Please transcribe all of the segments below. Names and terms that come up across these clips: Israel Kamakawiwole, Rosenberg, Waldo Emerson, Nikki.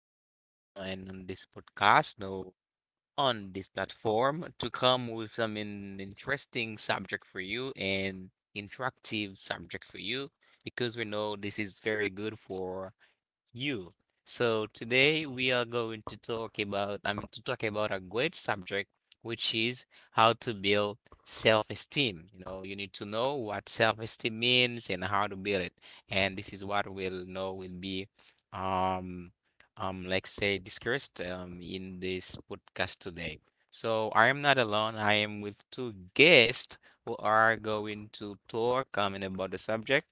to come and on this podcast, no, on this platform, to come with some in interesting subject for you and interactive subject for you, because we know this is very good for you. So today we are going to talk about, I mean, to talk about a great subject, which is how to build self-esteem. You know, you need to know what self-esteem means and how to build it. And this is what we'll know will be, um, let's say discussed, in this podcast today. So I am not alone. I am with two guests who are going to talk, I mean, about the subject,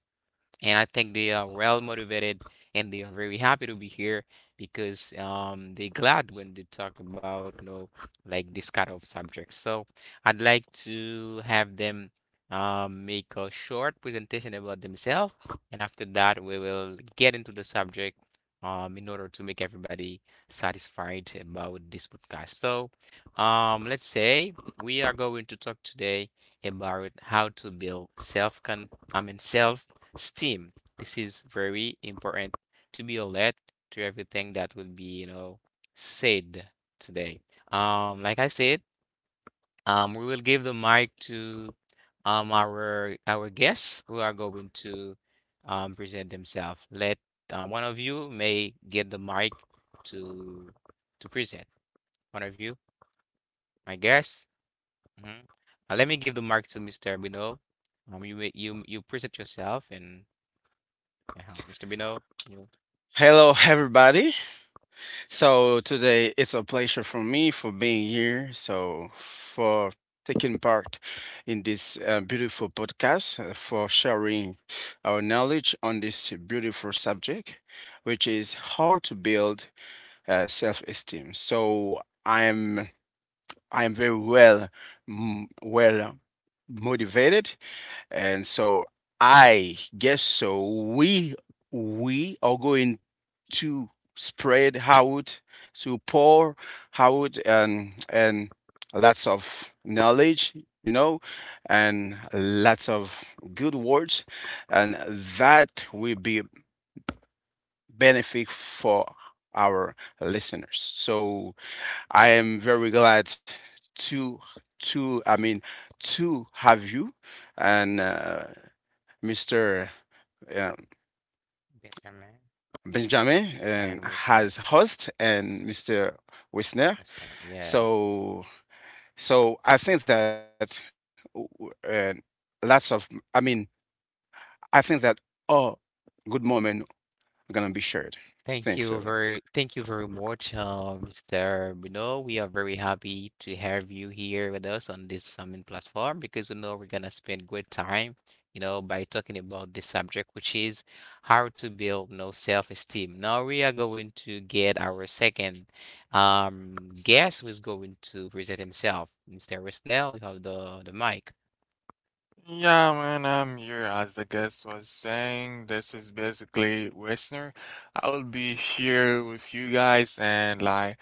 and I think they are well motivated and they are very happy to be here because they're glad when they talk about like this kind of subject. So I'd like to have them make a short presentation about themselves, and after that we will get into the subject in order to make everybody satisfied about this podcast. So let's say we are going to talk today about how to build self con I mean self Steam. This is very important to be alert to everything that will be said today. Like I said, we will give the mic to our guests who are going to present themselves. Let one of you may get the mic to to present. One of you, my guests. Mhm. Let me give the mic to Mr. Bino. You present yourself and Mr. Bino. You Hello, everybody. So So today it's a pleasure for me for being here. So for taking part in this beautiful podcast, for sharing our knowledge on this beautiful subject, which is how to build self-esteem. So I am I am very well, motivated, and so I guess so. We are going to spread out, to pour out, and lots of knowledge, you know, and lots of good words, and that will be benefit for our listeners. So I am very glad to to to have you and Mr. Um, Benjamin, uh, Benjamin and and we there. has host and Mm, Mr. Wisner. we there. Yeah. So so I think that lots of I mean I think that all good moment gonna be shared. Thanks, Ella. Thank you very much, Mr. Bruno. We are very happy to have you here with us on this summit platform because we know we're gonna spend good time, you know, by talking about this subject, which is how to build self-esteem. Now we are going to get our second um guest who's going to present himself. Mr. Resnell, you have the mic. Yeah, man, I'm here. As the guest was saying, this is basically Westner. I will be here with you guys, and like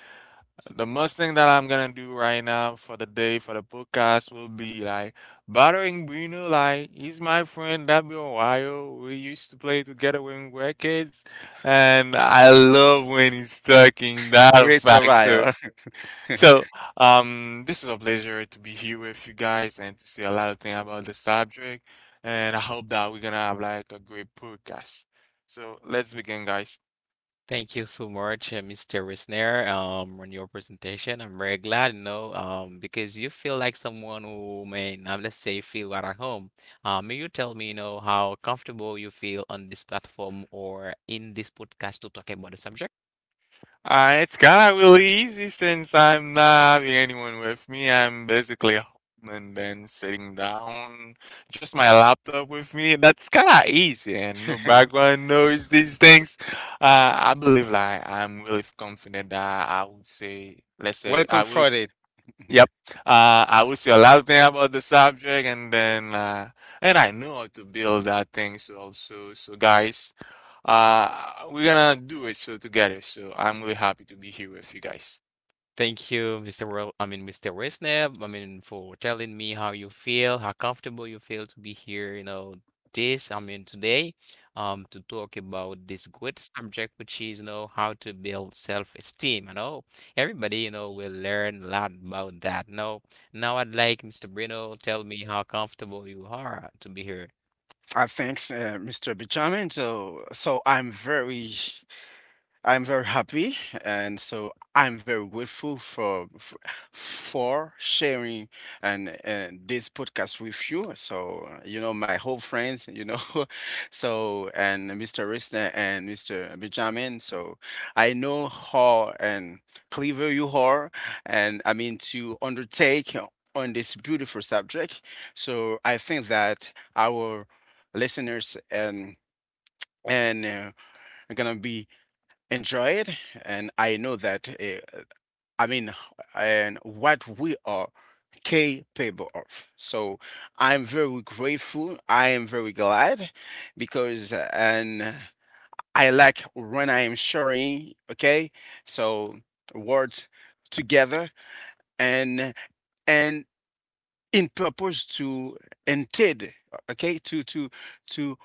the most thing that I'm gonna do right now for the day for the podcast will be like bothering Bruno. Like he's my friend. That be a while. We used to play together when we were kids, and I love when he's talking. That a Rachel fact, Ryle. so, this is a pleasure to be here with you guys and to see a lot of things about the subject. And I hope that we're gonna have like a great podcast. So let's begin, guys. Thank you so much, Mr. Wisner, on your presentation. I'm very glad, because you feel like someone who may not, let's say, feel right at home. May you tell me, how comfortable you feel on this platform or in this podcast to talk about the subject? It's kind of really easy since I'm not having anyone with me. I'm basically at home and then sitting down, just my laptop with me. That's kind of easy and no background noise. These things. I believe like I'm really confident that I would say, let's say, Welcome, I will. Friday. Yep. Uh, I would say a lot of things about the subject, and then and I know how to build that thing. So also, so guys, we're gonna do it so together. So I'm really happy to be here with you guys. Thank you, I mean, Mr. Wisnab, I mean, for telling me how you feel, how comfortable you feel to be here, this, I mean, today, to talk about this good subject, which is, how to build self-esteem. I know everybody, will learn a lot about that. Now, I'd like Mr. Bruno tell me how comfortable you are to be here. Thanks, Mr. Benjamin. So, I'm very happy, and so I'm very grateful for sharing and this podcast with you. So, you know my whole friends, so and Mr. Risner and Mr. Benjamin. So I know how and clever you are, and I mean to undertake on this beautiful subject. So I think that our listeners and are gonna be enjoy it, and I know that I mean and what we are capable of. So I'm very grateful. I am very glad because and I like when I am sharing. Okay, so words together and and in purpose to intend. Okay, to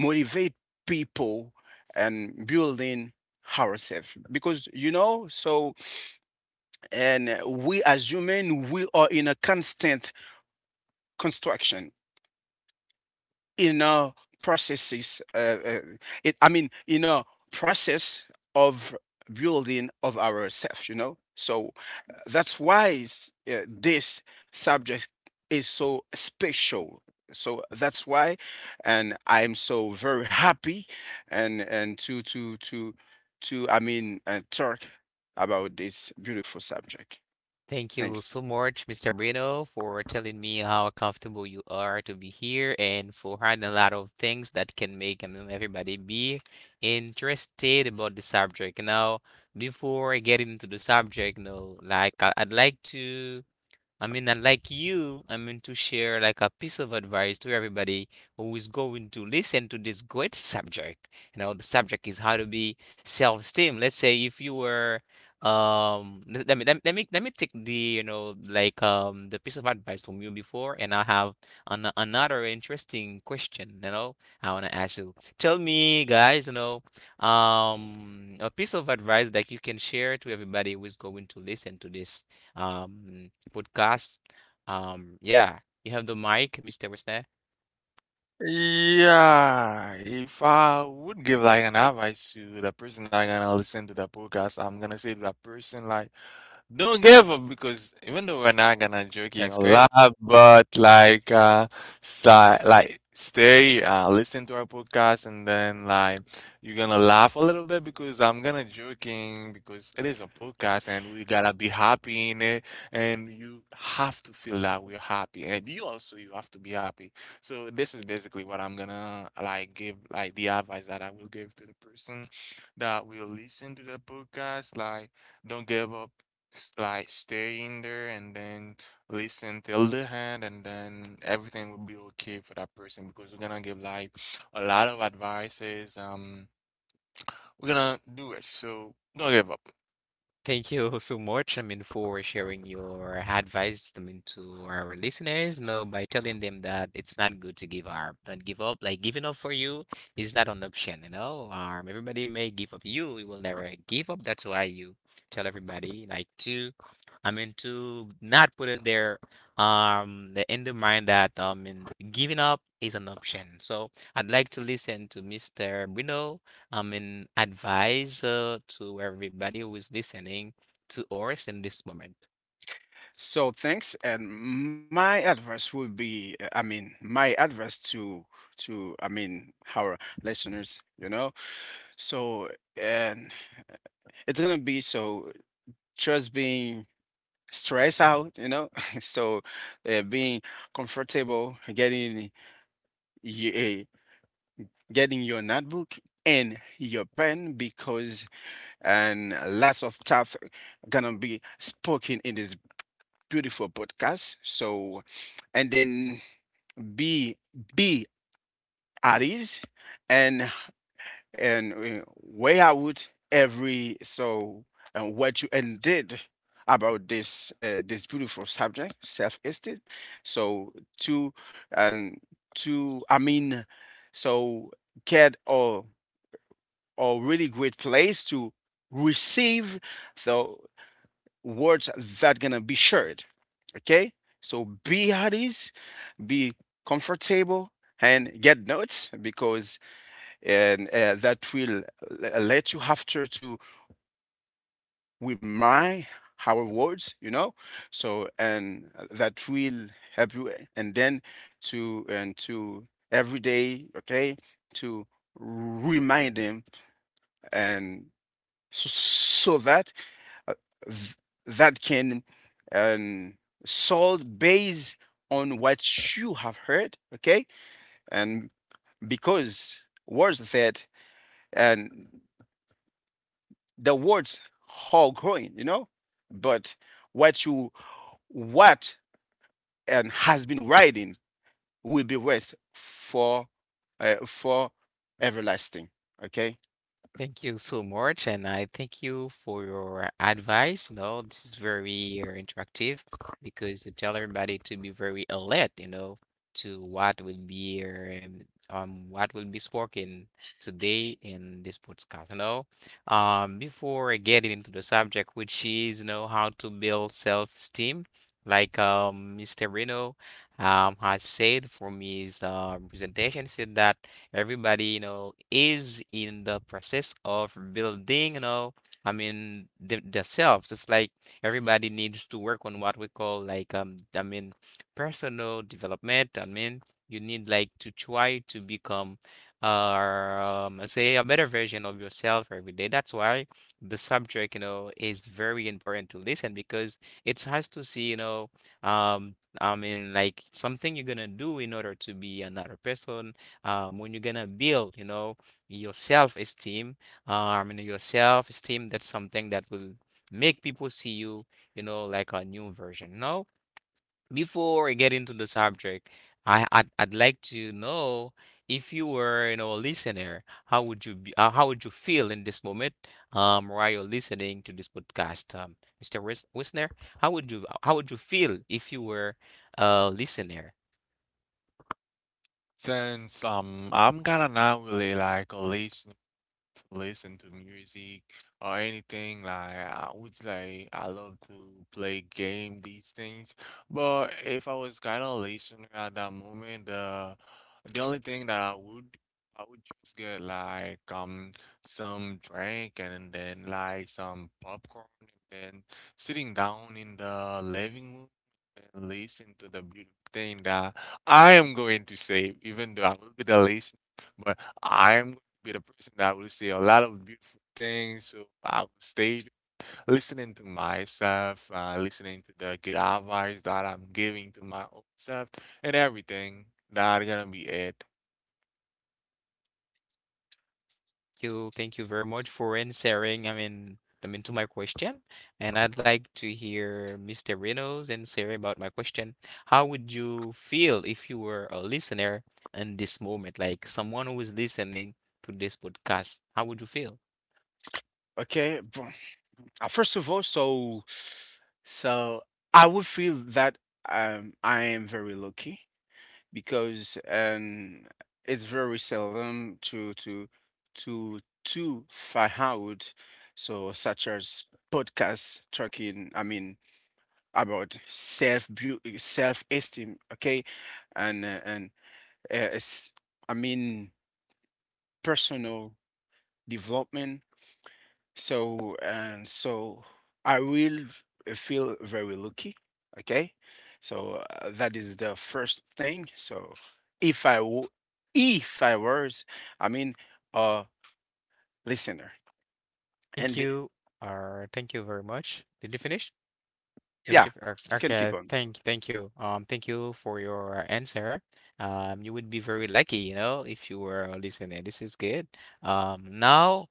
motivate people and building ourselves because, so, and we, as human, we are in a constant construction in a processes uh, it, I mean in a process of building of ourselves, you know. So that's why this subject is so special. So that's why and I'm so very happy, and to I mean talk about this beautiful subject. Thank you so Thanks. much, Mr. Bruno, for telling me how comfortable you are to be here and for having a lot of things that can make everybody be interested about the subject. Now, before I get into the subject, no, like I'd like to I mean, and like you, I mean, to share like a piece of advice to everybody who is going to listen to this great subject. The subject is how to be self-esteem. Let's say if you were, let let me let me let me let me take the piece of advice from you before, and I have another interesting question. I want to ask you. Tell me, guys, a piece of advice that you can share to everybody who is going to listen to this podcast. Yeah, you have the mic, Mr. Wisner. Yeah, if I would give like an advice to the person that gonna listen to the podcast, I'm gonna say to that person like. Don't give up because even though we're not gonna joking That's a lot, great. but like si- like stay listen to our podcast and then like you're gonna laugh a little bit because I'm gonna joking because it is a podcast and we gotta be happy in it and you have to feel that we're happy and you also you have to be happy. So this is basically what I'm gonna like give like the advice that I will give to the person that will listen to the podcast like don't give up like stay in there and then listen till the end and then everything will be okay for that person because we're gonna give like a lot of advices we're gonna do it so don't give up Thank you so much, I mean, for sharing your advice, I mean, to our listeners, by telling them that it's not good to give up. Don't give up. Like giving up for you is not an option. Everybody may give up. You will never give up. That's why you tell everybody like I mean, to not put in their the mind that in giving up is an option. So I'd like to listen to Mr. Bruno I mean, advice to everybody who is listening to us in this moment? So thanks, and my advice would be, I mean, my advice to our listeners, you know. So and it's gonna be so just being stressed out, you know. So, being comfortable, you, uh, getting your notebook and your pen because and lots of stuff gonna be spoken in this beautiful podcast. So and then be be at ease and and weigh out every so and what you and did about this this beautiful subject, self-esteem. So to and to i mean so get a really great place to receive the words that gonna be shared. Okay, so be at ease, be comfortable, and get notes because and that will let you after to remind our words, you know. So and that will help you, and then to every day, okay, to remind them and so, that uh, th- that can, um, sold based on what you have heard, okay? And because words that and the words are growing, you know, but what you what and has been writing will be rest for everlasting, okay? Thank you so much, and I thank you for your advice. This is very interactive because you tell everybody to be very alert, to what will be spoken today in this podcast. Before getting into the subject, which is how to build self-esteem, like Mr. Reno has said from his presentation, said that. Everybody, is in the process of building, I mean, th themselves. It's like everybody needs to work on what we call like, I mean, personal development. I mean, you need like to try to become, let's say a better version of yourself every day. That's why the subject, is very important to listen because it has to see, I mean, like something you're gonna do in order to be another person, when you're gonna build, your self-esteem, and your self-esteem, that's something that will make people see you, like a new version. No, before I get into the subject, I'd like to know if you were, a listener, how would you feel in this moment, while you're listening to this podcast, Mr. Wisner, how would you feel if you were a listener? since I'm kinda not really like a late listen to music or anything. Like I would like I love to play game these things. But if I was kind of listener at that moment, the only thing that I would just get like some drink and then like some popcorn and then sitting down in the living room and listen to the beautiful thing that I am going to say, even though I will be the listener, but I am be the person that will say a lot of beautiful things. So I will stay listening to myself, listening to the good advice that I'm giving to my own self, and everything. That's gonna be it. You. Thank you very much for answering. I mean to my question, and I'd like to hear Mr. Reynolds and Sarah about my question. How would you feel if you were a listener in this moment, like someone who is listening to this podcast? How would you feel? Okay. First of all, so I would feel that, I am very lucky because, it's very seldom to find out so such as podcasts talking. I mean about self esteem. Okay, and it's, I mean, personal development. So I will feel very lucky. Okay. So, that is the first thing. So if I, w- if I was, I mean, a listener. Thank And you. Thank you very much. Did you finish? Yep. yeah, you can Okay, keep on. thank you. Thank you for your answer. You would be very lucky, if you were listening. This is good. Now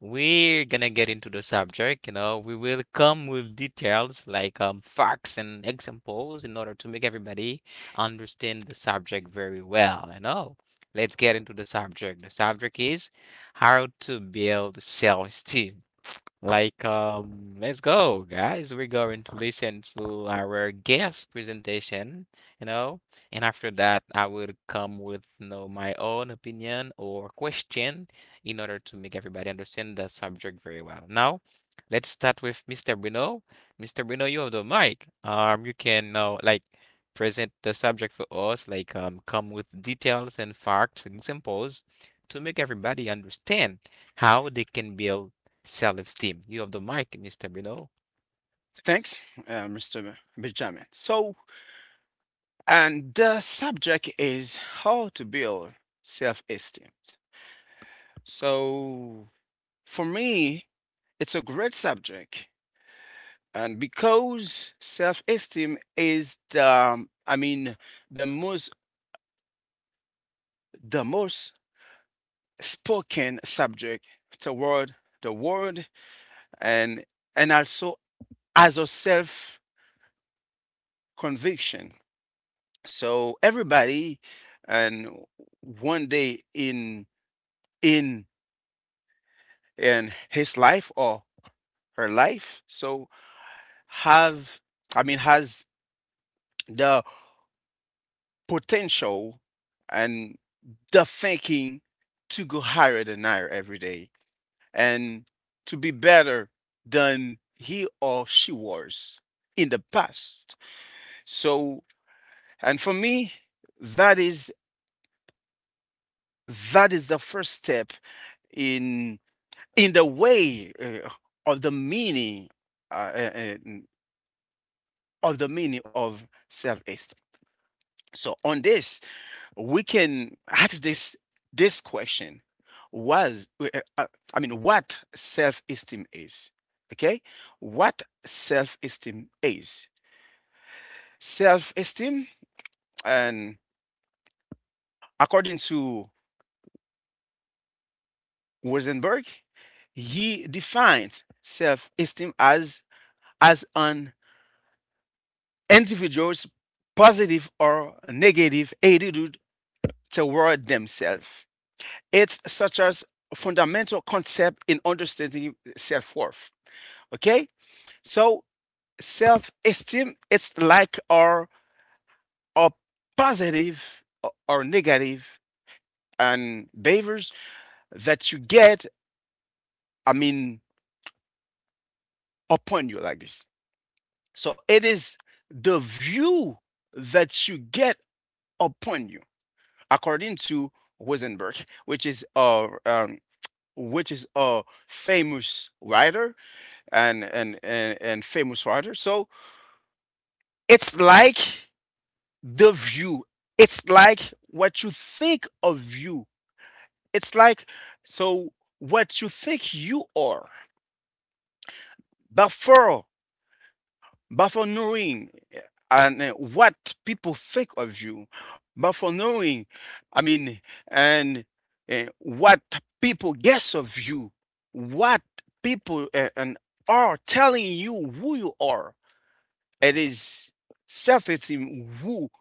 we're gonna get into the subject. We will come with details like facts and examples in order to make everybody understand the subject very well. Let's get into the subject. The subject is how to build self-esteem. Like, let's go, guys. We're going to listen to our guest presentation, you know, and after that, I will come with, my own opinion or question in order to make everybody understand the subject very well. Now, let's start with Mr. Bruno. Mr. Bruno, you have the mic. You can now like present the subject for us, like, come with details and facts and examples to make everybody understand how they can build self-esteem. You have the mic, Mr. Bruno. Thanks, Mr. Benjamin. So, and the subject is how to build self-esteem. So for me, it's a great subject. And because self-esteem is the, I mean, the most the most spoken subject toward the world, and and also as a self conviction. So everybody and one day in in his life or her life, so have I mean has the potential and the thinking to go higher than higher every day and to be better than he or she was in the past. So, and for me, that is that is the first step in in the way of the meaning uh, uh, uh, of the meaning of self-esteem. So on this, we can ask this question, was uh, I mean what self-esteem is. Okay, what self-esteem is self-esteem, and according to Rosenberg, he defines self-esteem as an individual's positive or negative attitude toward themselves. It's such as fundamental concept in understanding self-worth. Okay? So self-esteem, it's like our positive or negative and behaviors that you get, I mean, upon you like this. So it is the view that you get upon you, according to Rosenberg, which is a um, which is a famous writer and famous writer. So it's like the view. It's like what you think of you. It's like, so what you think you are. Before before knowing, what people think of you, before knowing, I mean, and what people guess of you, what people eh, and are telling you who you are. It is self-esteem who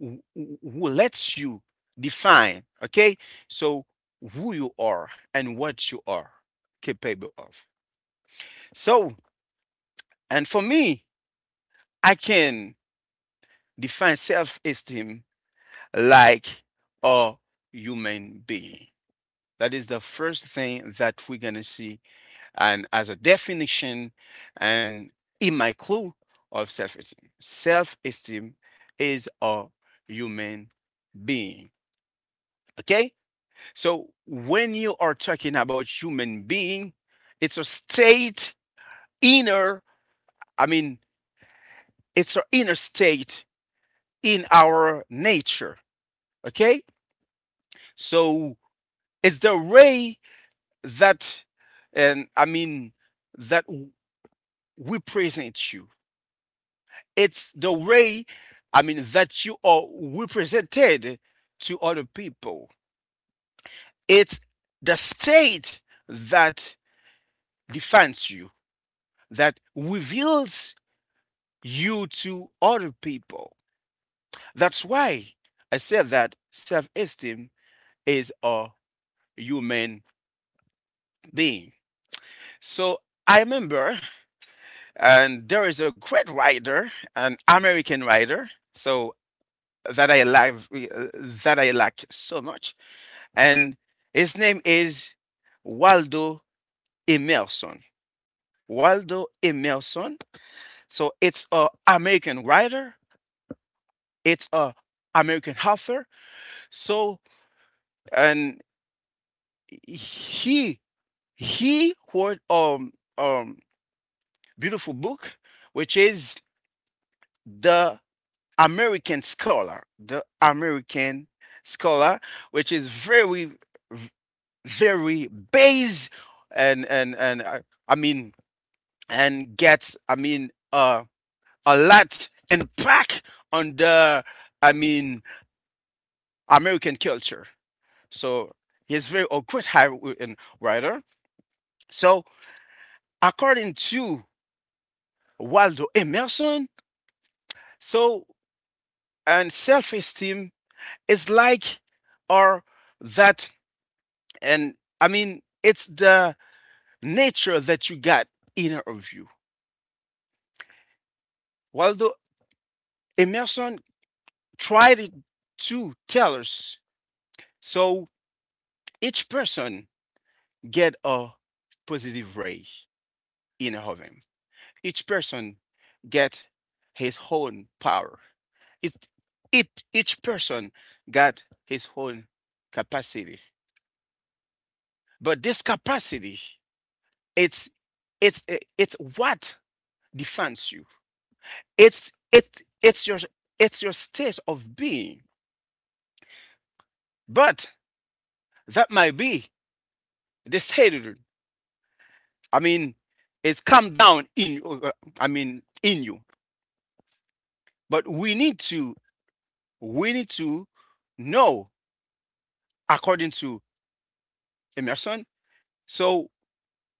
who who- lets you define, okay? So who you are and what you are capable of. So, and for me, I can define self-esteem like a human being. That is the first thing that we're gonna see, and as a definition, and in my clue of self-esteem, self-esteem is a human being. Okay. So when you are talking about human being, it's a state inner, I mean, it's an inner state in our nature. Okay? So it's the way that and I mean that we present you. It's the way, I mean, that you are represented to other people. It's the state that defines you, that reveals you to other people. That's why I said that self esteem is a human being. So I remember, and there is a great writer, an American writer, so that I like that I like so much, and his name is Waldo Emerson. Waldo Emerson. So it's a American writer. It's a American author. So and he he wrote um beautiful book, which is The American Scholar. The American Scholar, which is very v- very base, and and and uh, I mean and gets, I mean, a lot impact on the, I mean, American culture. So he's very a great high writer. So, according to Waldo Emerson. So, and self esteem is like, or that, and I mean, it's the nature that you got inner of you. Waldo Emerson tried it to tell us, so each person get a positive ray inner of him. Each person get his own power. It, each person got his own capacity. But this capacity, it's it's it's what defines you. It's it's it's your it's your state of being. But that might be this hatred. I mean, it's come down uh, in you. But we need to know, according to Emerson. So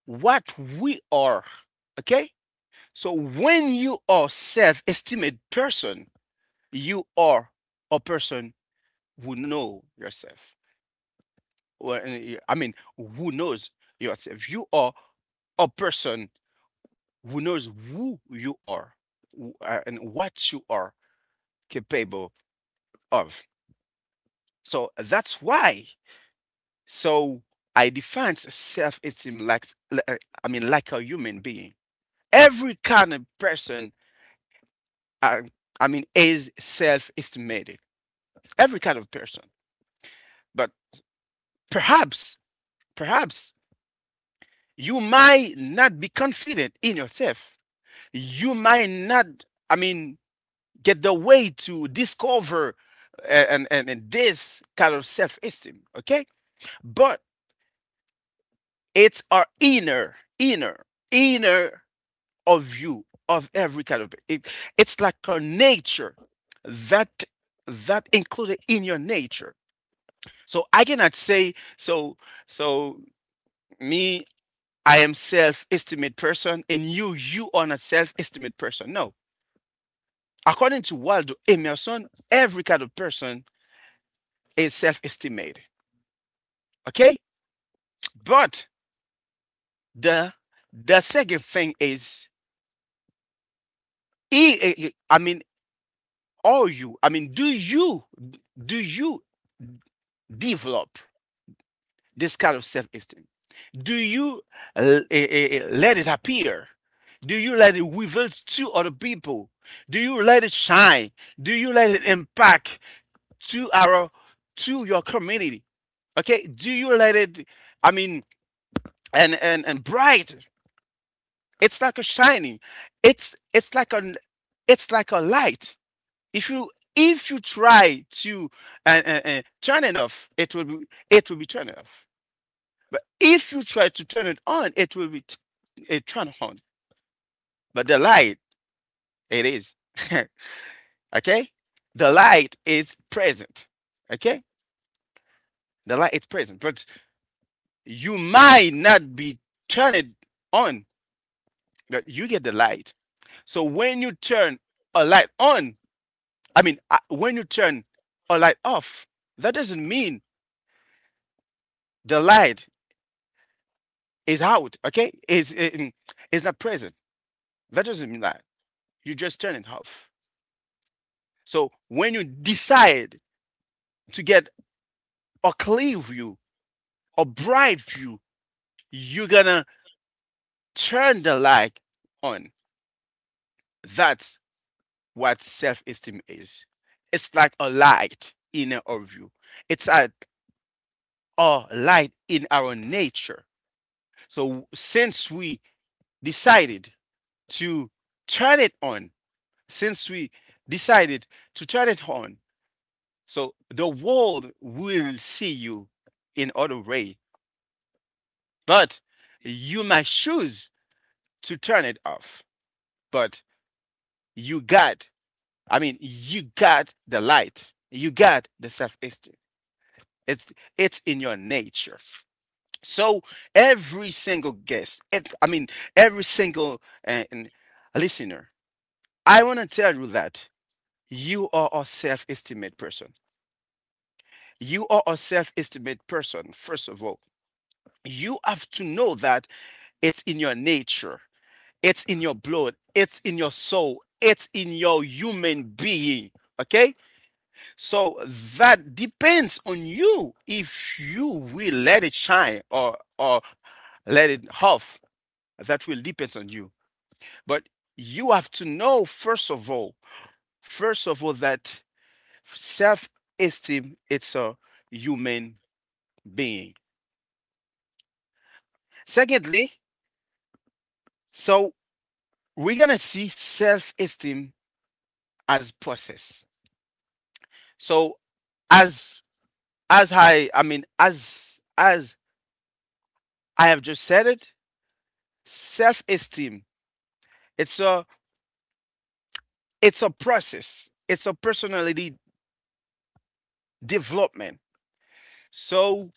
what we are, okay? So when you are self-estimated person, you are a person who know yourself. Well, I mean, who knows yourself? You are a person who knows who you are, and what you are capable of. So that's why. So I define self-esteem like, I mean, like a human being. Every kind of person, uh, I mean, is self-estimated. Every kind of person. But perhaps, perhaps you might not be confident in yourself. You might not, I mean, get the way to discover, and this kind of self-esteem. Okay, but it's our inner of you of every kind of it. It's like our nature that that included in your nature. So I cannot say, so me, I am self esteemed person and you are not self esteemed person. No. According to Waldo Emerson, every kind of person is self-estimated. Okay? But the the second thing is, I mean, are you? I mean, do you develop this kind of self-esteem? Do you let it appear? Do you let it reveal to other people? Do you let it shine? Do you let it impact to our to your community? Okay? Do you let it? I mean, and bright. It's like a shining. It's it's like a it's like a light. If you if you try to turn it off, it will be turned off. But if you try to turn it on, it will be t- it turned on. But the light, it is okay. The light is present. Okay, the light is present, but you might not be turned on. That you get the light. So when you turn a light on, I mean, when you turn a light off, that doesn't mean the light is out, okay? Is not present. That doesn't mean that. You just turn it off. So when you decide to get a clear view, a bright view, you're gonna turn the light on. That's what self-esteem is. It's like a light in our view. It's a are light in our nature. So since we decided to turn it on, since we decided to turn it on, so the world will see you in other way. But you might choose to turn it off. But you got, I mean, you got the light. You got the self-esteem. It's it's in your nature. So every single guest, if, I mean every single and listener, I want to tell you that you are a self-estimate person. You are a self-estimate person. First of all, you have to know that it's in your nature, it's in your blood, it's in your soul, it's in your human being. Okay, so that depends on you if you will let it shine or let it off, that will depend on you. But you have to know first of all, that self-esteem it's a human being. Secondly, so we're gonna see self-esteem as process. So as as I mean as I have just said it, self-esteem it's a it's a process. It's a personality development. So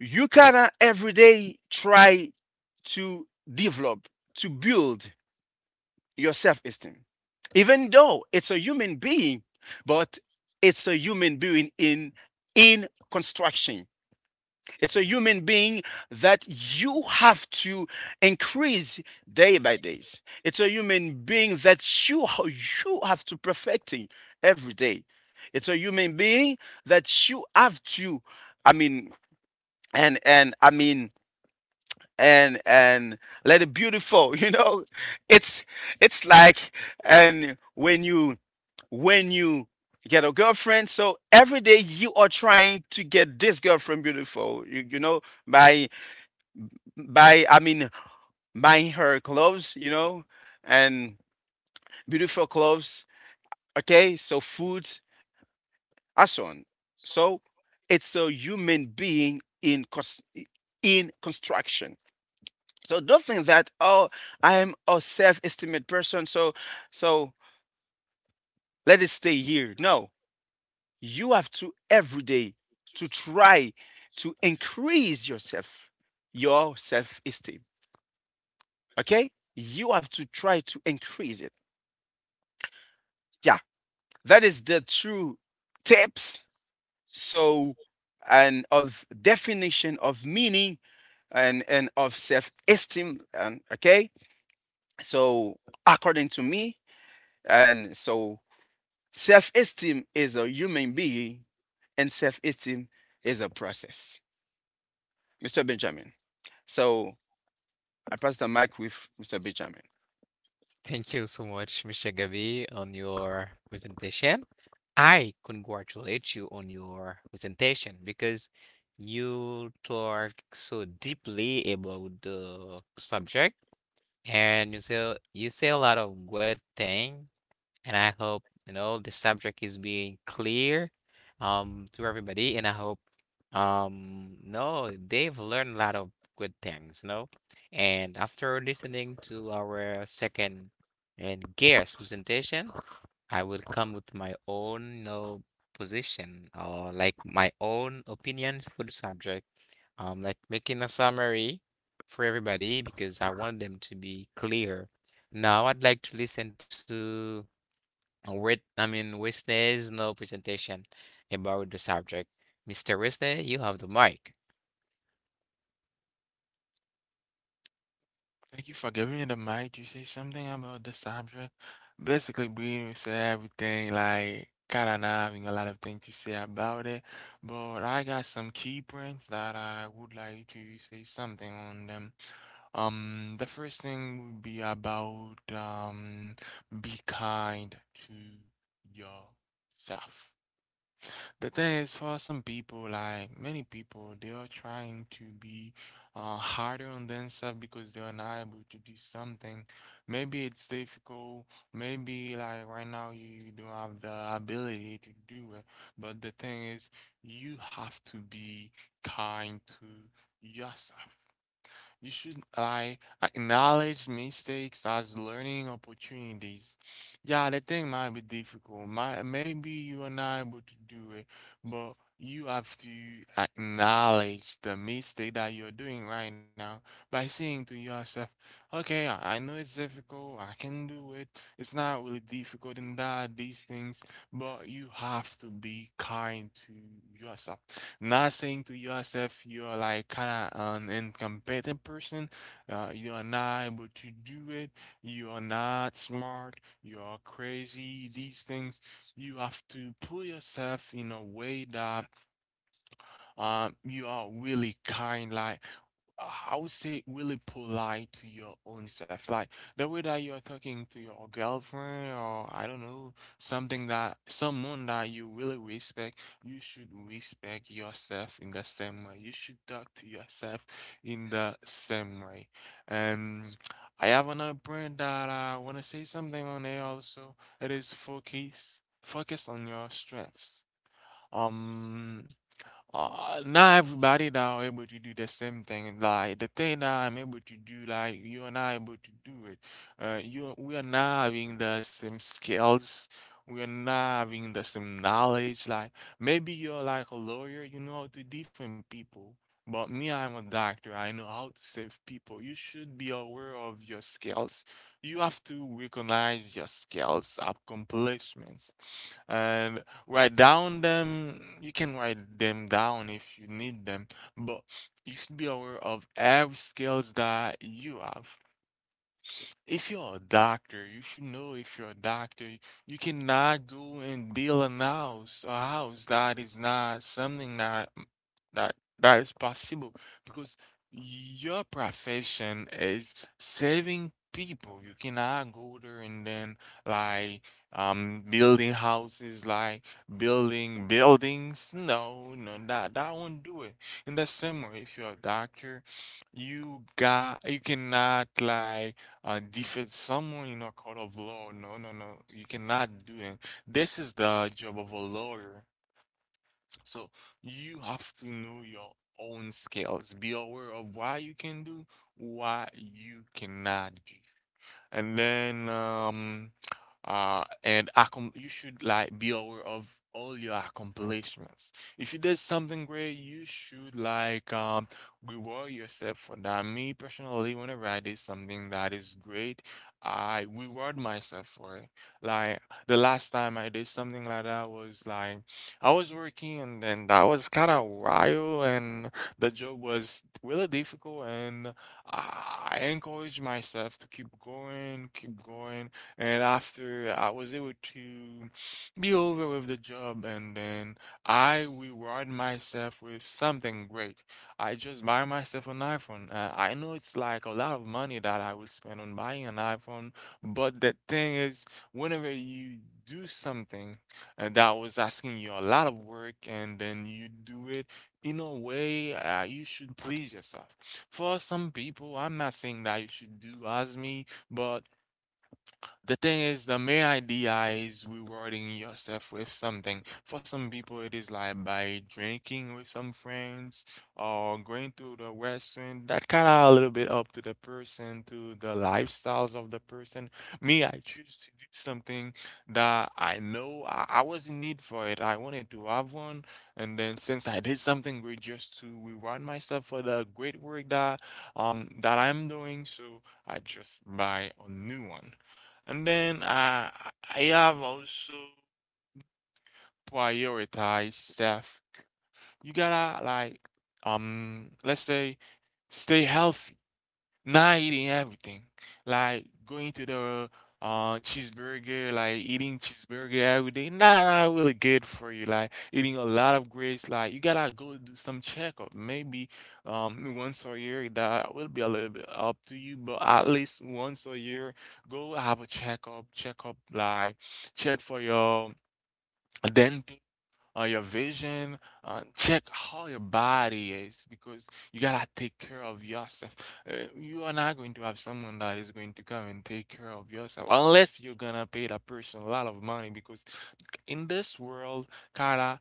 you gotta day try to develop, to build your self esteem. Even though it's a human being, but it's a human being in construction. It's a human being that you have to increase day by day. It's a human being that you have to perfecting every day. It's a human being that you have to I mean and I mean and let it beautiful it's it's like and when you get a girlfriend, so every day you are trying to get this girlfriend beautiful by by buying her clothes, and beautiful clothes, okay, so foods and so on. So it's a human being in construction. So don't think that, oh, I am a self-esteemed person, so so let it stay here. No, you have to every day to try to increase yourself, your self-esteem. Okay? You have to try to increase it. Yeah, that is the true tips. So and of definition of meaning and of self-esteem. And okay, so according to me, and so self esteem is a human being, and self esteem is a process. Mr. Benjamin. So I pass the mic with Mr. Benjamin. Thank you so much, Mr. Gavi, on your presentation. I congratulate you on your presentation because you talk so deeply about the subject and you say a lot of good things. And I hope, the subject is being clear to everybody, and I hope no, they've learned a lot of good things. And after listening to our second and guest presentation, I will come with my own, position or like my own opinions for the subject. Like making a summary for everybody because I want them to be clear. Now I'd like to listen to with, I mean, Wisney is no presentation about the subject. Mr. Wisney, you have the mic. Thank you for giving me the mic to say something about the subject. Basically, Bruno said everything, like, kind of not having a lot of things to say about it. But I got some key points that I would like to say something on them. The first thing would be about, be kind to yourself. The thing is, for some people, like many people, they are trying to be harder on themselves because they are not able to do something. Maybe it's difficult. Maybe like right now you don't have the ability to do it. But the thing is, you have to be kind to yourself. You should like acknowledge mistakes as learning opportunities. Yeah, the thing might be difficult. Might maybe you are not able to do it, but you have to acknowledge the mistake that you're doing right now by saying to yourself, okay, I know it's difficult, I can do it. It's not really difficult in that, these things, but you have to be kind to yourself not saying to yourself you are like kind of an incompetent person, you are not able to do it, you are not smart, you are crazy, these things. You have to put yourself in a way that you are really kind, like I would say really polite to your own self. Like the way that you're talking to your girlfriend or I don't know, something that someone that you really respect, you should respect yourself in the same way. You should talk to yourself in the same way. Um I have another brand that I wanna say something on it also. It is focus on your strengths. Um Not everybody that are able to do the same thing. Like the thing that I'm able to do, like you and I able to do it. You we are not having the same skills. We are not having the same knowledge. Like maybe you're like a lawyer, you know how to different people. But me, I'm a doctor. I know how to save people. You should be aware of your skills. You have to recognize your skills, accomplishments, and write down them. You can write them down if you need them, but you should be aware of every skills that you have. If you're a doctor, you should know if you're a doctor, you cannot go and build a house that is not something that is possible because your profession is saving people. You cannot go there and then like building houses, like building buildings. No, no, that that won't do it. In the same way, if you're a doctor, you got you cannot like defeat someone in a court of law. No, no, no. You cannot do it. This is the job of a lawyer. So you have to know your own skills. Be aware of what you can do, what you cannot do, and then you should like be aware of all your accomplishments. If you did something great, you should like reward yourself for that. Me personally, whenever I did something that is great, I reward myself for it. Like the last time I did something like that was like I was working and then that was kind of wild and the job was really difficult, and I encouraged myself to keep going, keep going. And after I was able to be over with the job, and then I reward myself with something great. I just buy myself an iPhone. I know it's like a lot of money that I will spend on buying an iPhone, but the thing is, whenever you do something that was asking you a lot of work and then you do it, in a way, you should please yourself. For some people, I'm not saying that you should do as me, but the thing is, the main idea is rewarding yourself with something. For some people, it is like by drinking with some friends or going to the restaurant. That kind of a little bit up to the person, to the lifestyles of the person. Me, I choose to do something that I know I was in need for it. I wanted to have one. And then since I did something great just to reward myself for the great work that that I'm doing, so I just buy a new one. And then I have also prioritize self. You gotta like let's say stay healthy. Not eating everything. Like going to the cheeseburger, like eating cheeseburger every day, not not really good for you. Like eating a lot of grits, like you gotta go do some checkup. Maybe once a year, that will be a little bit up to you, but at least once a year, go have a checkup like check for your dental, your vision. Check how your body is because you gotta take care of yourself. You are not going to have someone that is going to come and take care of yourself unless you're gonna pay that person a lot of money because in this world, kinda,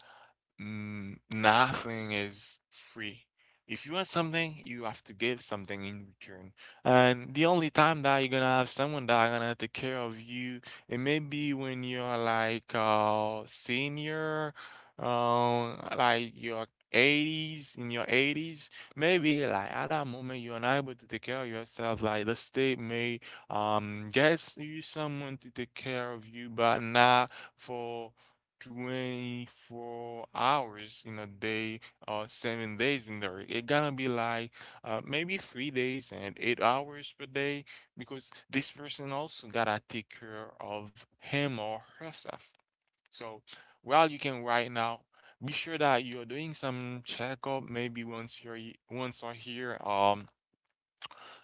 Mm, nothing is free. If you want something, you have to give something in return. And the only time that you're gonna have someone that are gonna take care of you, it may be when you're like senior, like your 80s, in your 80s, maybe like at that moment you're unable to take care of yourself. Like the state may get you someone to take care of you, but not for 24 hours in a day or 7 days in there. It gonna be like maybe 3 days and 8 hours per day because this person also gotta take care of him or herself. So while you can right now, be sure that you're doing some checkup maybe once you're once or here. Um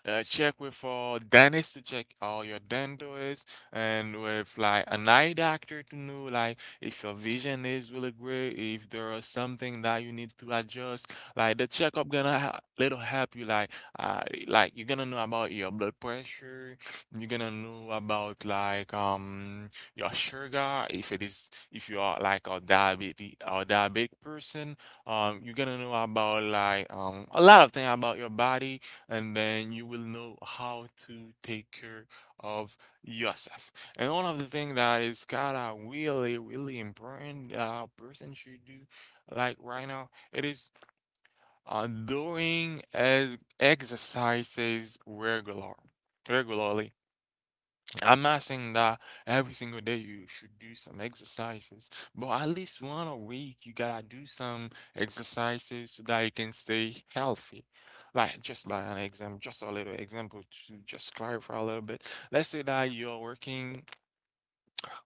uh, Check with dentist to check all your dentures, and with like an eye doctor to know, like, if your vision is really great, if there is something that you need to adjust. Like, the checkup gonna ha little help you, uh like you're gonna know about your blood pressure, you're gonna know about like your sugar if it is if you are like a diabetic or diabetic person, you're gonna know about like a lot of things about your body, and then you will know how to take care of yourself. And one of the things that is kind of really, really important person should do, like right now, it is exercises regularly. I'm not saying that every single day you should do some exercises, but at least one a week you gotta do some exercises so that you can stay healthy. Like, just by an example, just a little example to just clarify a little bit. Let's say that you're working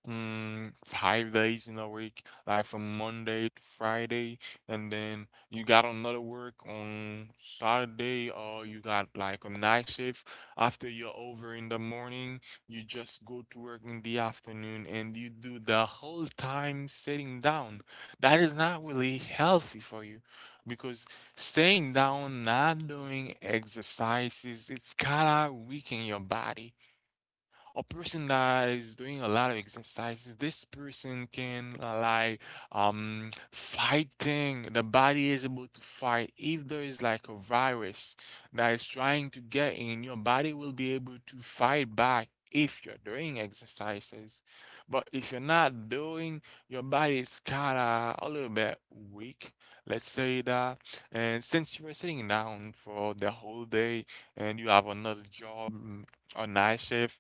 5 days in a week, like from Monday to Friday, and then you got another work on Saturday, or you got like a night shift. After you're over in the morning, you just go to work in the afternoon, and you do the whole time sitting down. That is not really healthy for you because staying down, not doing exercises, it's kind of weakening your body. A person that is doing a lot of exercises, this person can like fighting. The body is able to fight. If there is like a virus that is trying to get in, your body will be able to fight back if you're doing exercises. But if you're not doing, your body is kinda a little bit weak. Let's say that. And since you were sitting down for the whole day and you have another job, mm, a night shift,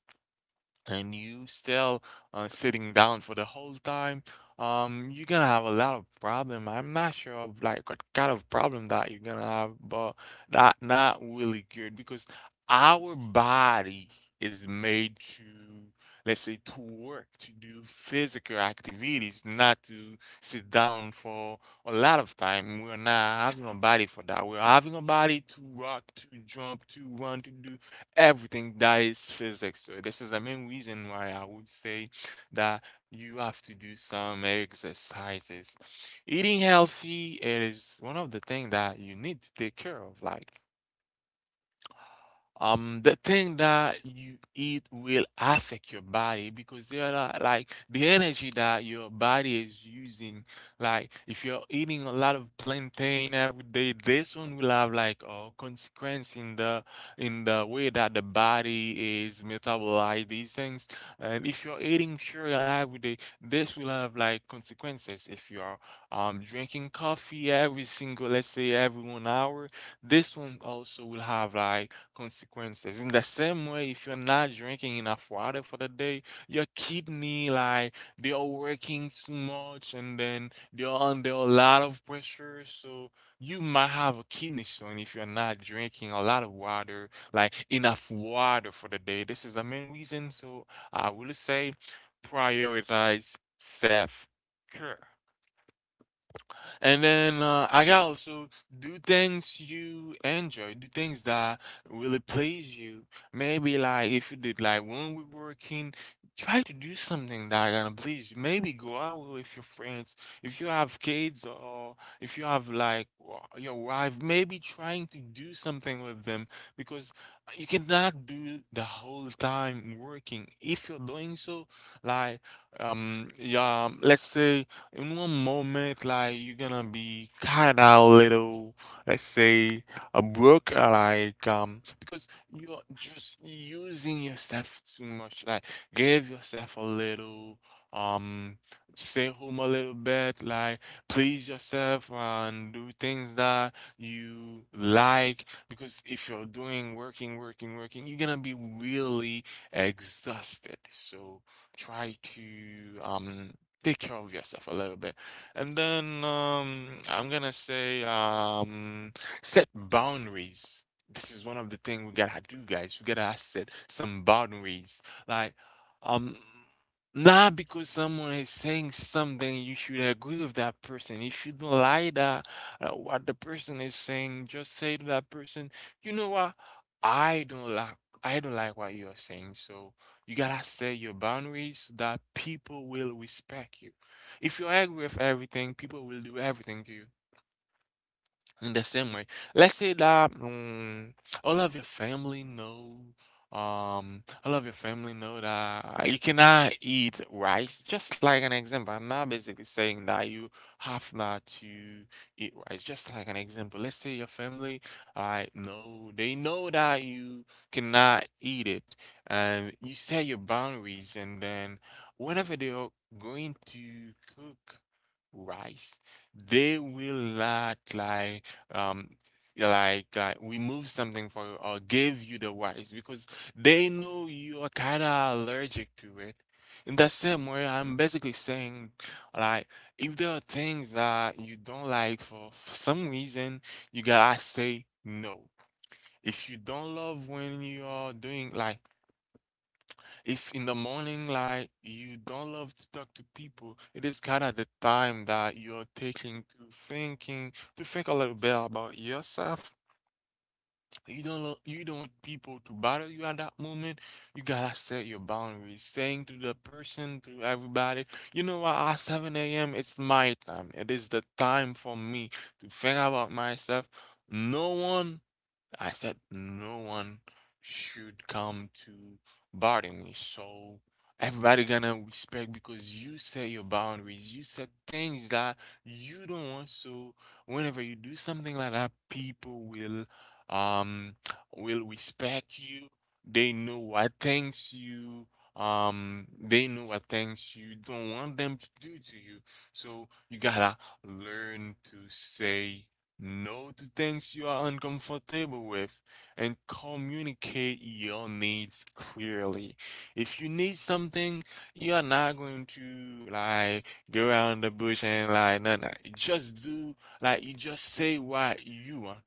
and you still sitting down for the whole time, you're gonna have a lot of problem. I'm not sure of like what kind of problem that you're gonna have, but that not really good, because our body is made to, let's say, to work, to do physical activities, not to sit down for a lot of time. We're not having a body for that. We're having a body to rock, to jump, to run, to do everything that is physics. So this is the main reason why I would say that you have to do some exercises. Eating healthy is one of the things that you need to take care of. Like, the thing that you eat will affect your body, because there are like the energy that your body is using. Like if you're eating a lot of plantain every day, this one will have like a consequence in the way that the body is metabolize these things. And if you're eating cereal every day, this will have like consequences. If you're drinking coffee every single, let's say every 1 hour, this one also will have like consequences. In the same way, if you're not drinking enough water for the day, your kidney, like, they are working too much, and then they're under a lot of pressure. So you might have a kidney stone if you're not drinking a lot of water, like enough water for the day. This is the main reason. So I will say, prioritize self care. And then I got also, do things you enjoy, do things that really please you. Maybe like if you did like when we're working, try to do something that gonna please you. Maybe go out with your friends. If you have kids or if you have like your wife, maybe trying to do something with them, because you cannot do the whole time working. If you're doing so, like, yeah, let's say in one moment, like, you're gonna be kind of little, let's say, a broke, like, because you're just using yourself too much. Like, give yourself a little, um, stay home a little bit. Like, please yourself and do things that you like. Because if you're doing working, working, working, you're gonna be really exhausted. So try to take care of yourself a little bit. And then I'm gonna say, set boundaries. This is one of the things we gotta do, guys. We gotta set some boundaries. Like, um, not because someone is saying something, you should agree with that person. You shouldn't lie that what the person is saying. Just say to that person, you know what? I don't like I don't like what you are saying, so you gotta set your boundaries so that people will respect you. If you're angry with everything, people will do everything to you. In the same way, let's say that all of your family know, all of your family know that you cannot eat rice. Just like an example, I'm not basically saying that you have not to eat rice. Just like an example, let's say your family, I know they know that you cannot eat it, and you set your boundaries, and then whenever they are going to cook rice, they will not like um remove something for you or give you the rice, because they know you are kind of allergic to it. In the same way, I'm basically saying, like, if there are things that you don't like for, some reason, you gotta say no. If you don't love when you are doing, like, if in the morning like you don't love to talk to people, it is kind of the time that you're taking to think a little bit about yourself. You don't lo- you don't want people to bother you at that moment. You gotta set your boundaries, saying to the person, to everybody, you know what, at 7 a.m. it's my time. It is the time for me to think about myself. No one, I said no one should come to bother me. So everybody gonna respect because you set your boundaries. You set things that you don't want. So whenever you do something like that, people um will respect you. They know what things you they know what things you don't want them to do to you. So you gotta learn to say, know the things you are uncomfortable with, and communicate your needs clearly. If you need something, you are not going to, like, go around the bush and like no no. You just do, like, you just say what you want.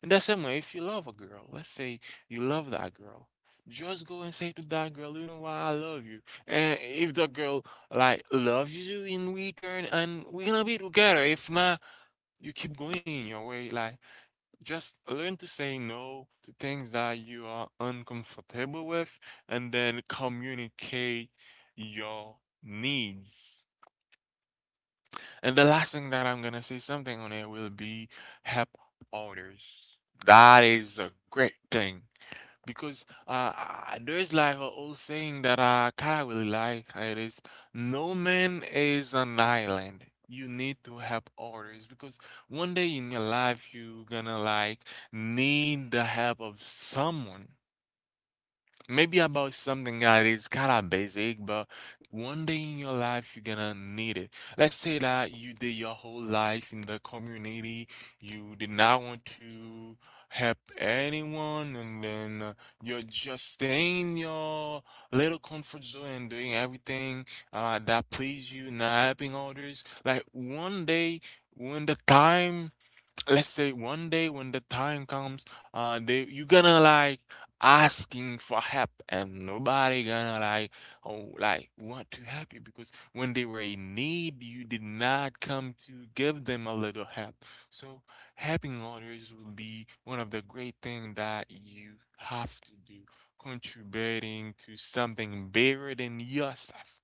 And the same way if you love a girl, let's say you love that girl. Just go and say to that girl, you know what, I love you. And if the girl like loves you in return, and we're gonna be together. If not, you keep going your way. Like, just learn to say no to things that you are uncomfortable with, and then communicate your needs. And the last thing that I'm gonna say something on it will be, help others. That is a great thing, because there's like a old saying that I kind of really like. It is, no man is an island. You need to help others, because one day in your life you're gonna like need the help of someone. Maybe about something that is kind of basic, but one day in your life you're gonna need it. Let's say that you did your whole life in the community, you did not want to help anyone, and then you're just staying in your little comfort zone and doing everything that please you, not helping others. Like, one day when the time let's say one day when the time comes, they you gonna like asking for help, and nobody gonna like oh like want to help you, because when they were in need, you did not come to give them a little help. So helping others will be one of the great things that you have to do, contributing to something bigger than yourself.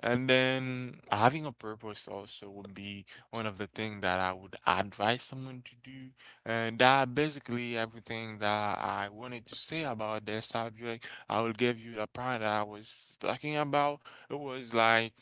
And then having a purpose also would be one of the things that I would advise someone to do. And that basically everything that I wanted to say about this subject. I will give you the part that I was talking about. It was like,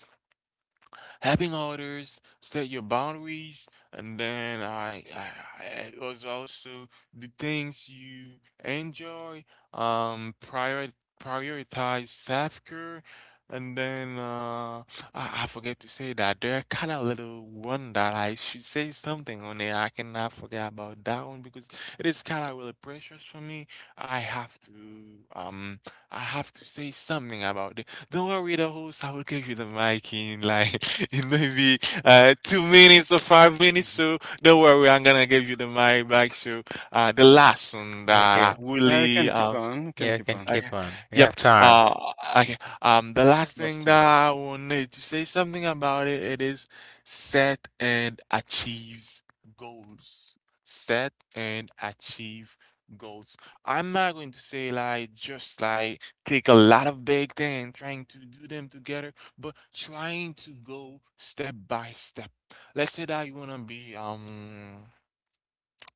having orders, set your boundaries, and then I it was also the things you enjoy. Um, prior, prioritize self care, and then I forget to say that there are kind of little one that I should say something on it. I cannot forget about that one because it is kind of really precious for me. I have to um, I have to say something about it. Don't worry, the host, I will give you the mic in like in maybe 2 minutes or 5 minutes. So don't worry, I'm gonna give you the mic back. So the last one You're that I good. Yeah, we really can keep on. We can Yeah, you keep can on. okay. keep on. We Yep. have time. Okay. The last We have thing that time. I will need to say something about it, it is set and achieves goals. Set and achieve goals. I'm not going to say like just like take a lot of big things and trying to do them together, but trying to go step by step. Let's say that you wanna be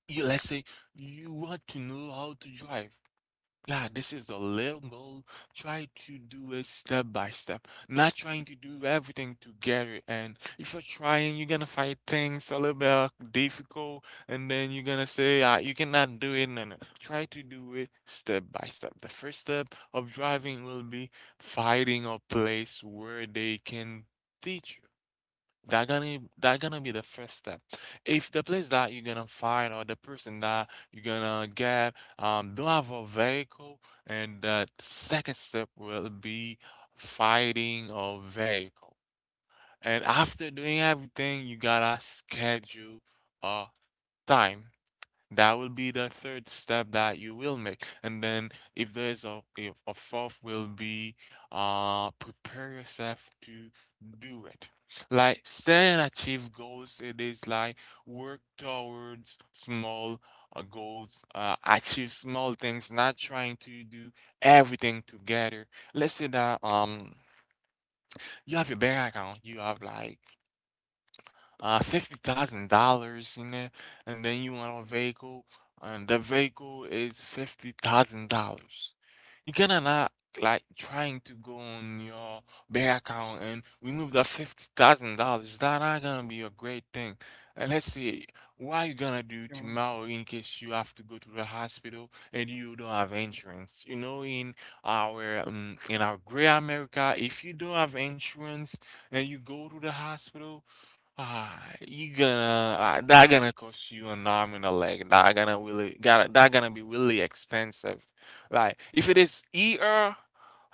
you, let's say you want to know how to drive. Yeah, this is a little goal. Try to do it step by step, not trying to do everything together. And if you're trying, you're gonna find things a little bit difficult, and then you're gonna say, ah, you cannot do it. No, no. Try to do it step by step. The first step of driving will be finding a place where they can teach you. That gonna be the first step. If the place that you're gonna find or the person that you're gonna get don't have a vehicle, and the second step will be finding a vehicle. And after doing everything, you gotta schedule a time. That will be the third step that you will make. And then if a fourth will be prepare yourself to do it. Like set and achieve goals, it is like work towards small goals, achieve small things, not trying to do everything together. Let's say that you have your bank account, you have like $50,000 in it, and then you want a vehicle, and the vehicle is $50,000. You cannot not like trying to go on your bank account and remove that $50,000. That not gonna be a great thing. And let's say what you gonna do Come tomorrow in case you have to go to the hospital and you don't have insurance. You know, in our great America, if you don't have insurance and you go to the hospital, ah, you gonna that gonna cost you an arm and a leg. That gonna be really expensive. Like if it is ear.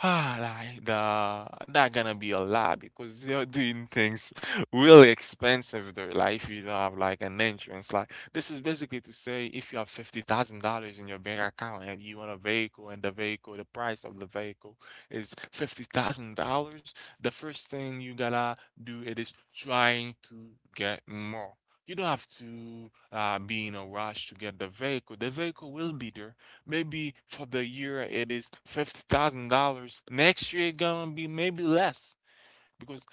Ah, like the that gonna be a lot because they're doing things really expensive there. Like if you don't have like an insurance, like this is basically to say if you have $50,000 in your bank account and you want a vehicle and the price of the vehicle is $50,000, the first thing you gotta do it is trying to get more. You don't have to be in a rush to get the vehicle. The vehicle will be there. Maybe for the year it is $50,000. Next year it gonna be maybe less because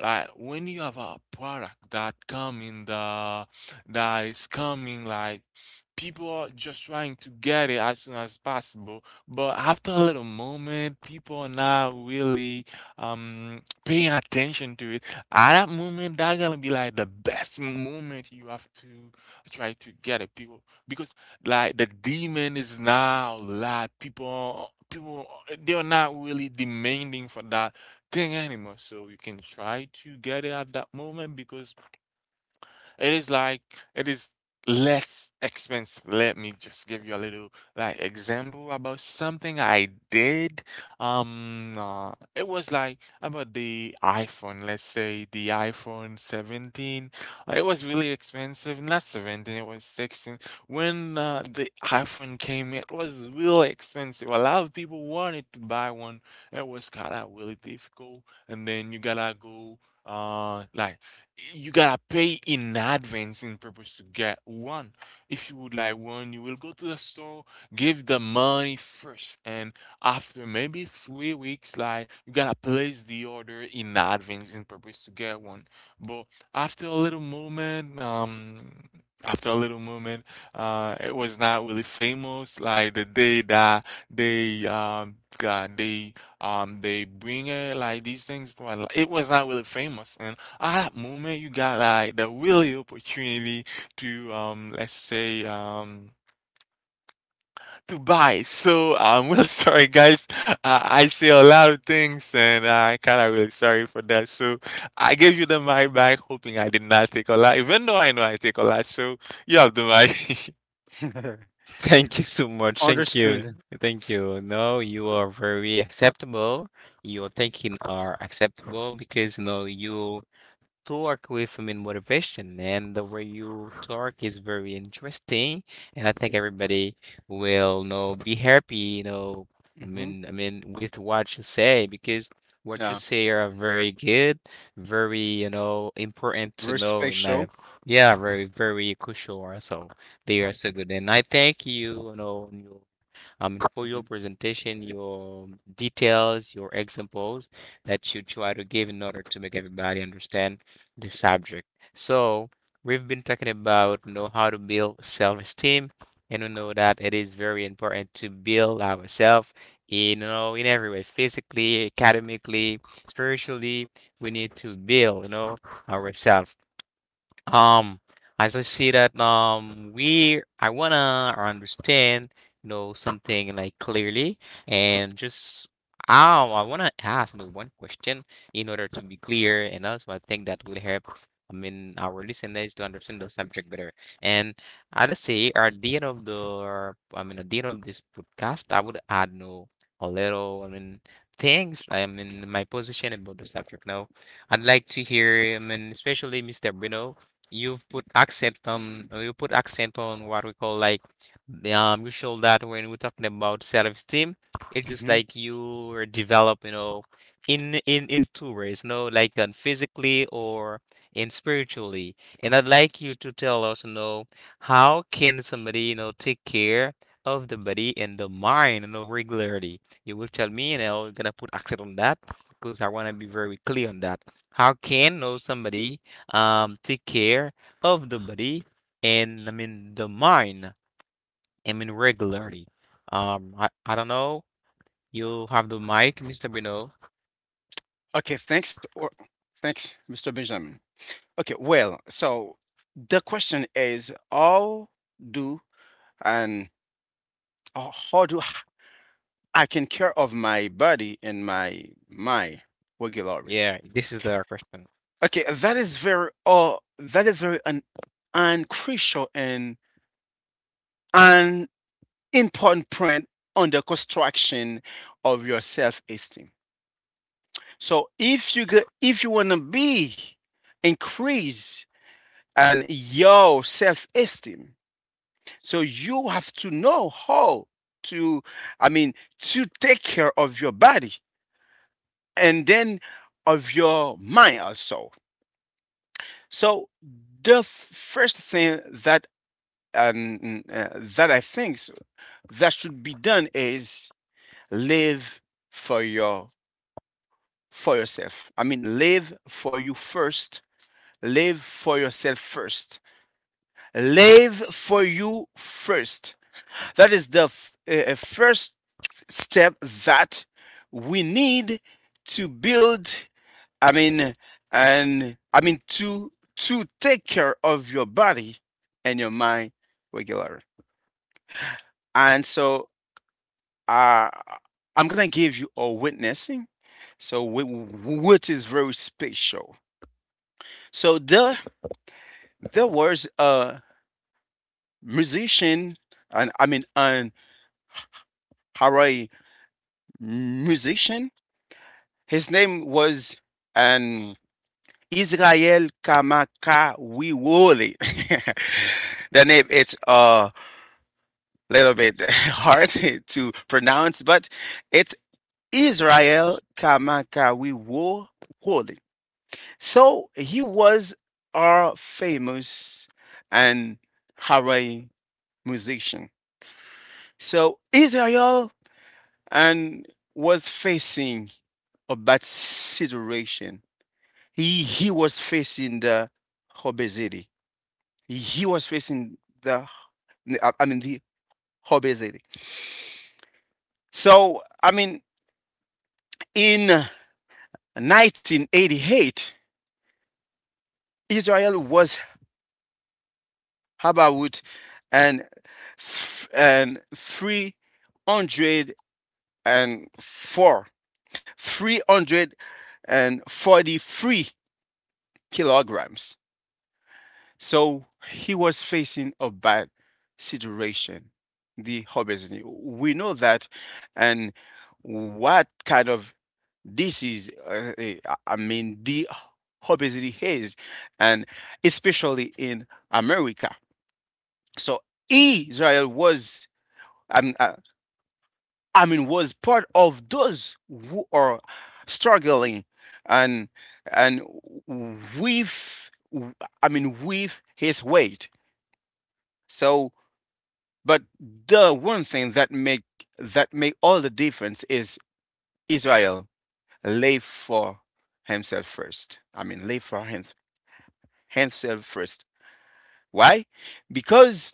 like when you have a product that come in the that is coming, like people are just trying to get it as soon as possible. But after a little moment, people are not really paying attention to it. At that moment, that's gonna be like the best moment you have to try to get it, people. Because like the demand is now a lot. People they're not really demanding for that thing anymore. So you can try to get it at that moment because it is like it is less expensive. Let me just give you a little like example about something I did. It was like about the iPhone. Let's say the iPhone 17. It was really expensive. Not 17. It was 16. When the iPhone came, it was really expensive. A lot of people wanted to buy one. It was kind of really difficult. And then you gotta go uh like you gotta pay in advance in purpose to get one. If you would like one, you will go to the store, give the money first, and after maybe 3 weeks, like you gotta place the order in advance in purpose to get one. But after a little moment, um, after a little moment, it was not really famous. Like the day that they got they bring it like these things, well, it was not really famous, and at that moment, you got like the really opportunity to let's say to buy. So I'm really sorry guys. I say a lot of things and I kinda really sorry for that. So I gave you the mic back hoping I did not take a lot, even though I know I take a lot, so you have the mic. on. Thank you so much. Thank you. Understood. Thank you. No, you are very acceptable. Your thinking are acceptable because no you talk with, I mean, motivation, and the way you talk is very interesting, and I think everybody will, be happy, I Hmm. mean, I mean, with what you say, because what you Yeah. say are very good, very, important to know Respect in life. show. Yeah, very, very crucial also. They are so good, and I thank you, for your presentation, your details, your examples that you try to give in order to make everybody understand the subject. So we've been talking about how to build self-esteem, and we know that it is very important to build ourselves, in every way, physically, academically, spiritually. We need to build, ourselves. Um, as I see that, we I wanna understand, something like clearly, and just oh, I wanna ask one question in order to be clear, and also I think that would help. I mean, our listeners to understand the subject better. And I'd say at the end of the, I mean, at the end of this podcast, I would add no a little, I mean, things. I mean, my position about the subject now. I'd like to hear, I mean, especially Mr. Bruno. You've put accent you put accent on what we call like you show that when we're talking about self-esteem, it's just Mhm. like you are develop, in two ways, physically or in spiritually. And I'd like you to tell us, how can somebody, take care of the body and the mind, regularly. You will tell me, you're gonna put accent on that because I wanna be very clear on that. How can, somebody take care of the body and I mean the mind. I mean regularly. I don't know. You have the mic, Mr. Bruno. Okay, thanks, Mr. Benjamin. Okay, well, so the question is how do and how do h- I can care of my body and my mind regularly? Yeah, this is the question. Okay, that is very an crucial and an important point on the construction of your self-esteem. So if you wanna be increase and your self esteem, so you have to know how to, I mean, to take care of your body and then of your mind also. So the first thing that that I think s- that should be done is live for your for yourself. I mean, live for you first. Live for yourself first. Live for you first. That is the first step that we need to build. I mean, and I mean to take care of your body and your mind regularly. And so, uh, I'm gonna give you a witnessing. So, which is very special. So there was a musician, and I mean, an Hawaii musician. His name was an Israel Kamakawiwole. The name it's a little bit hard to pronounce, but it's Israel Kamakawiwole. So he was a famous and Hawaii musician. So Israel and was facing a bad situation. He was facing the obesity. He was facing the I mean the obesity. So I mean in 1988, Israel was about and and 304 343 kilograms. So he was facing a bad situation, the obesity. We know that, and what kind of disease, I mean, the obesity is, and especially in America. So Israel was, I mean, was part of those who are struggling, and and with, I mean, with his weight. So But the one thing that make all the difference is Israel lay for himself first. I mean, lay for himself first. Why? Because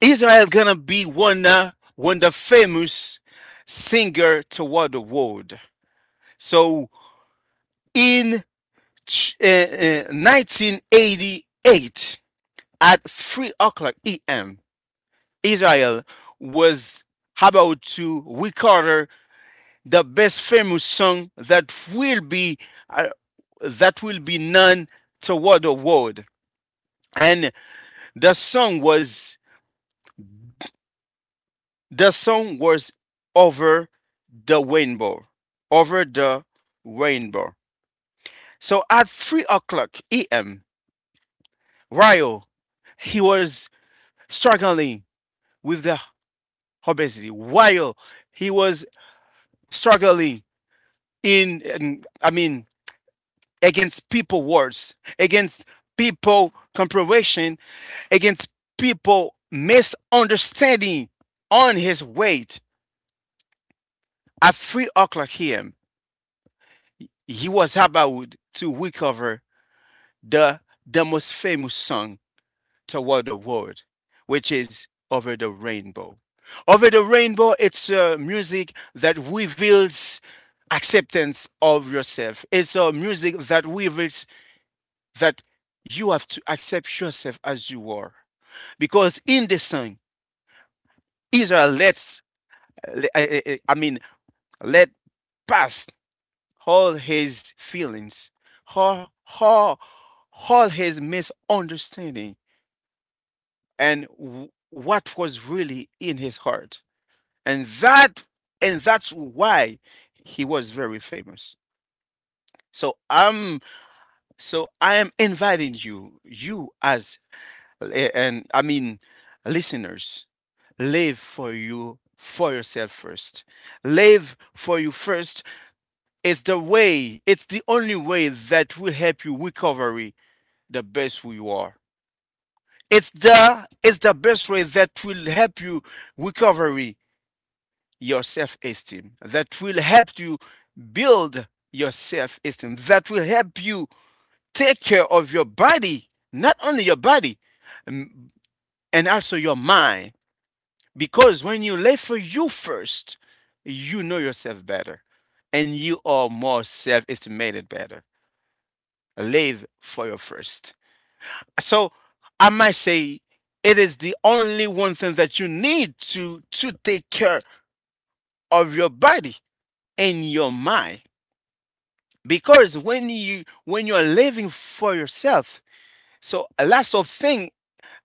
Israel gonna be one one the famous singer toward the world. So in 1988 at 3 o'clock a.m., Israel was about to record the best famous song uh, that will be known toward the world, and the song was the song was Over the Rainbow, Over the Rainbow. So at 3 o'clock am, while he was struggling with the obesity, while he was struggling in I mean against people words, against people compromise, against people misunderstanding on his weight. At 3 o'clock here, he was about to recover the, the most famous song toward the world, which is Over the Rainbow. Over the Rainbow, it's music that reveals acceptance of yourself. It's a music that reveals that you have to accept yourself as you are. Because in the song, Israel I mean, Let past all his feelings, all, all, all his misunderstanding, and what was really in his heart. And that and that's why he was very famous. So I'm I am inviting you as eh, and I mean listeners, live for yourself first. Live for you first. It's the only way that will help you recovery the best who you are. It's the best way that will help you recovery your self-esteem, that will help you build your self-esteem, that will help you take care of your body, not only your body, m- and also your mind. Because when you live for you first, you know yourself better and you are more self-estimated better. Live for your first. So I might say it is the only one thing that you need to take care of your body and your mind. Because when you're living for yourself, so lots of thing,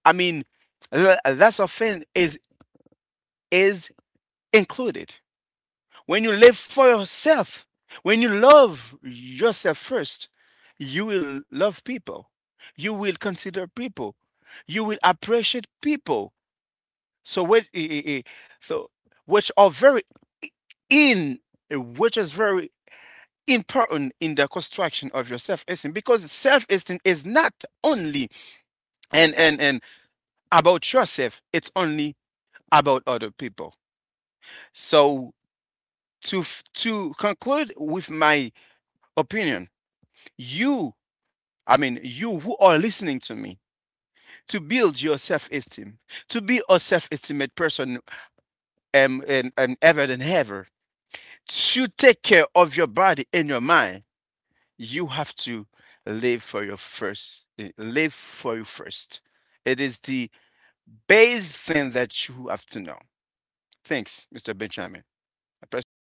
I mean lots of thing is included. When you live for yourself, when you love yourself first, you will love people. You will consider people. You will appreciate people. So what? So which are very in, which is very important in the construction of your self-esteem, because self-esteem is not only and about yourself. It's only about other people. So to conclude with my opinion, you I mean, you who are listening to me, to build your self esteem, to be a self esteemed person and ever than ever, to take care of your body and your mind, you have to live for you first. It is the base thing that you have to know. Thanks, Mr. Benjamin. I press you the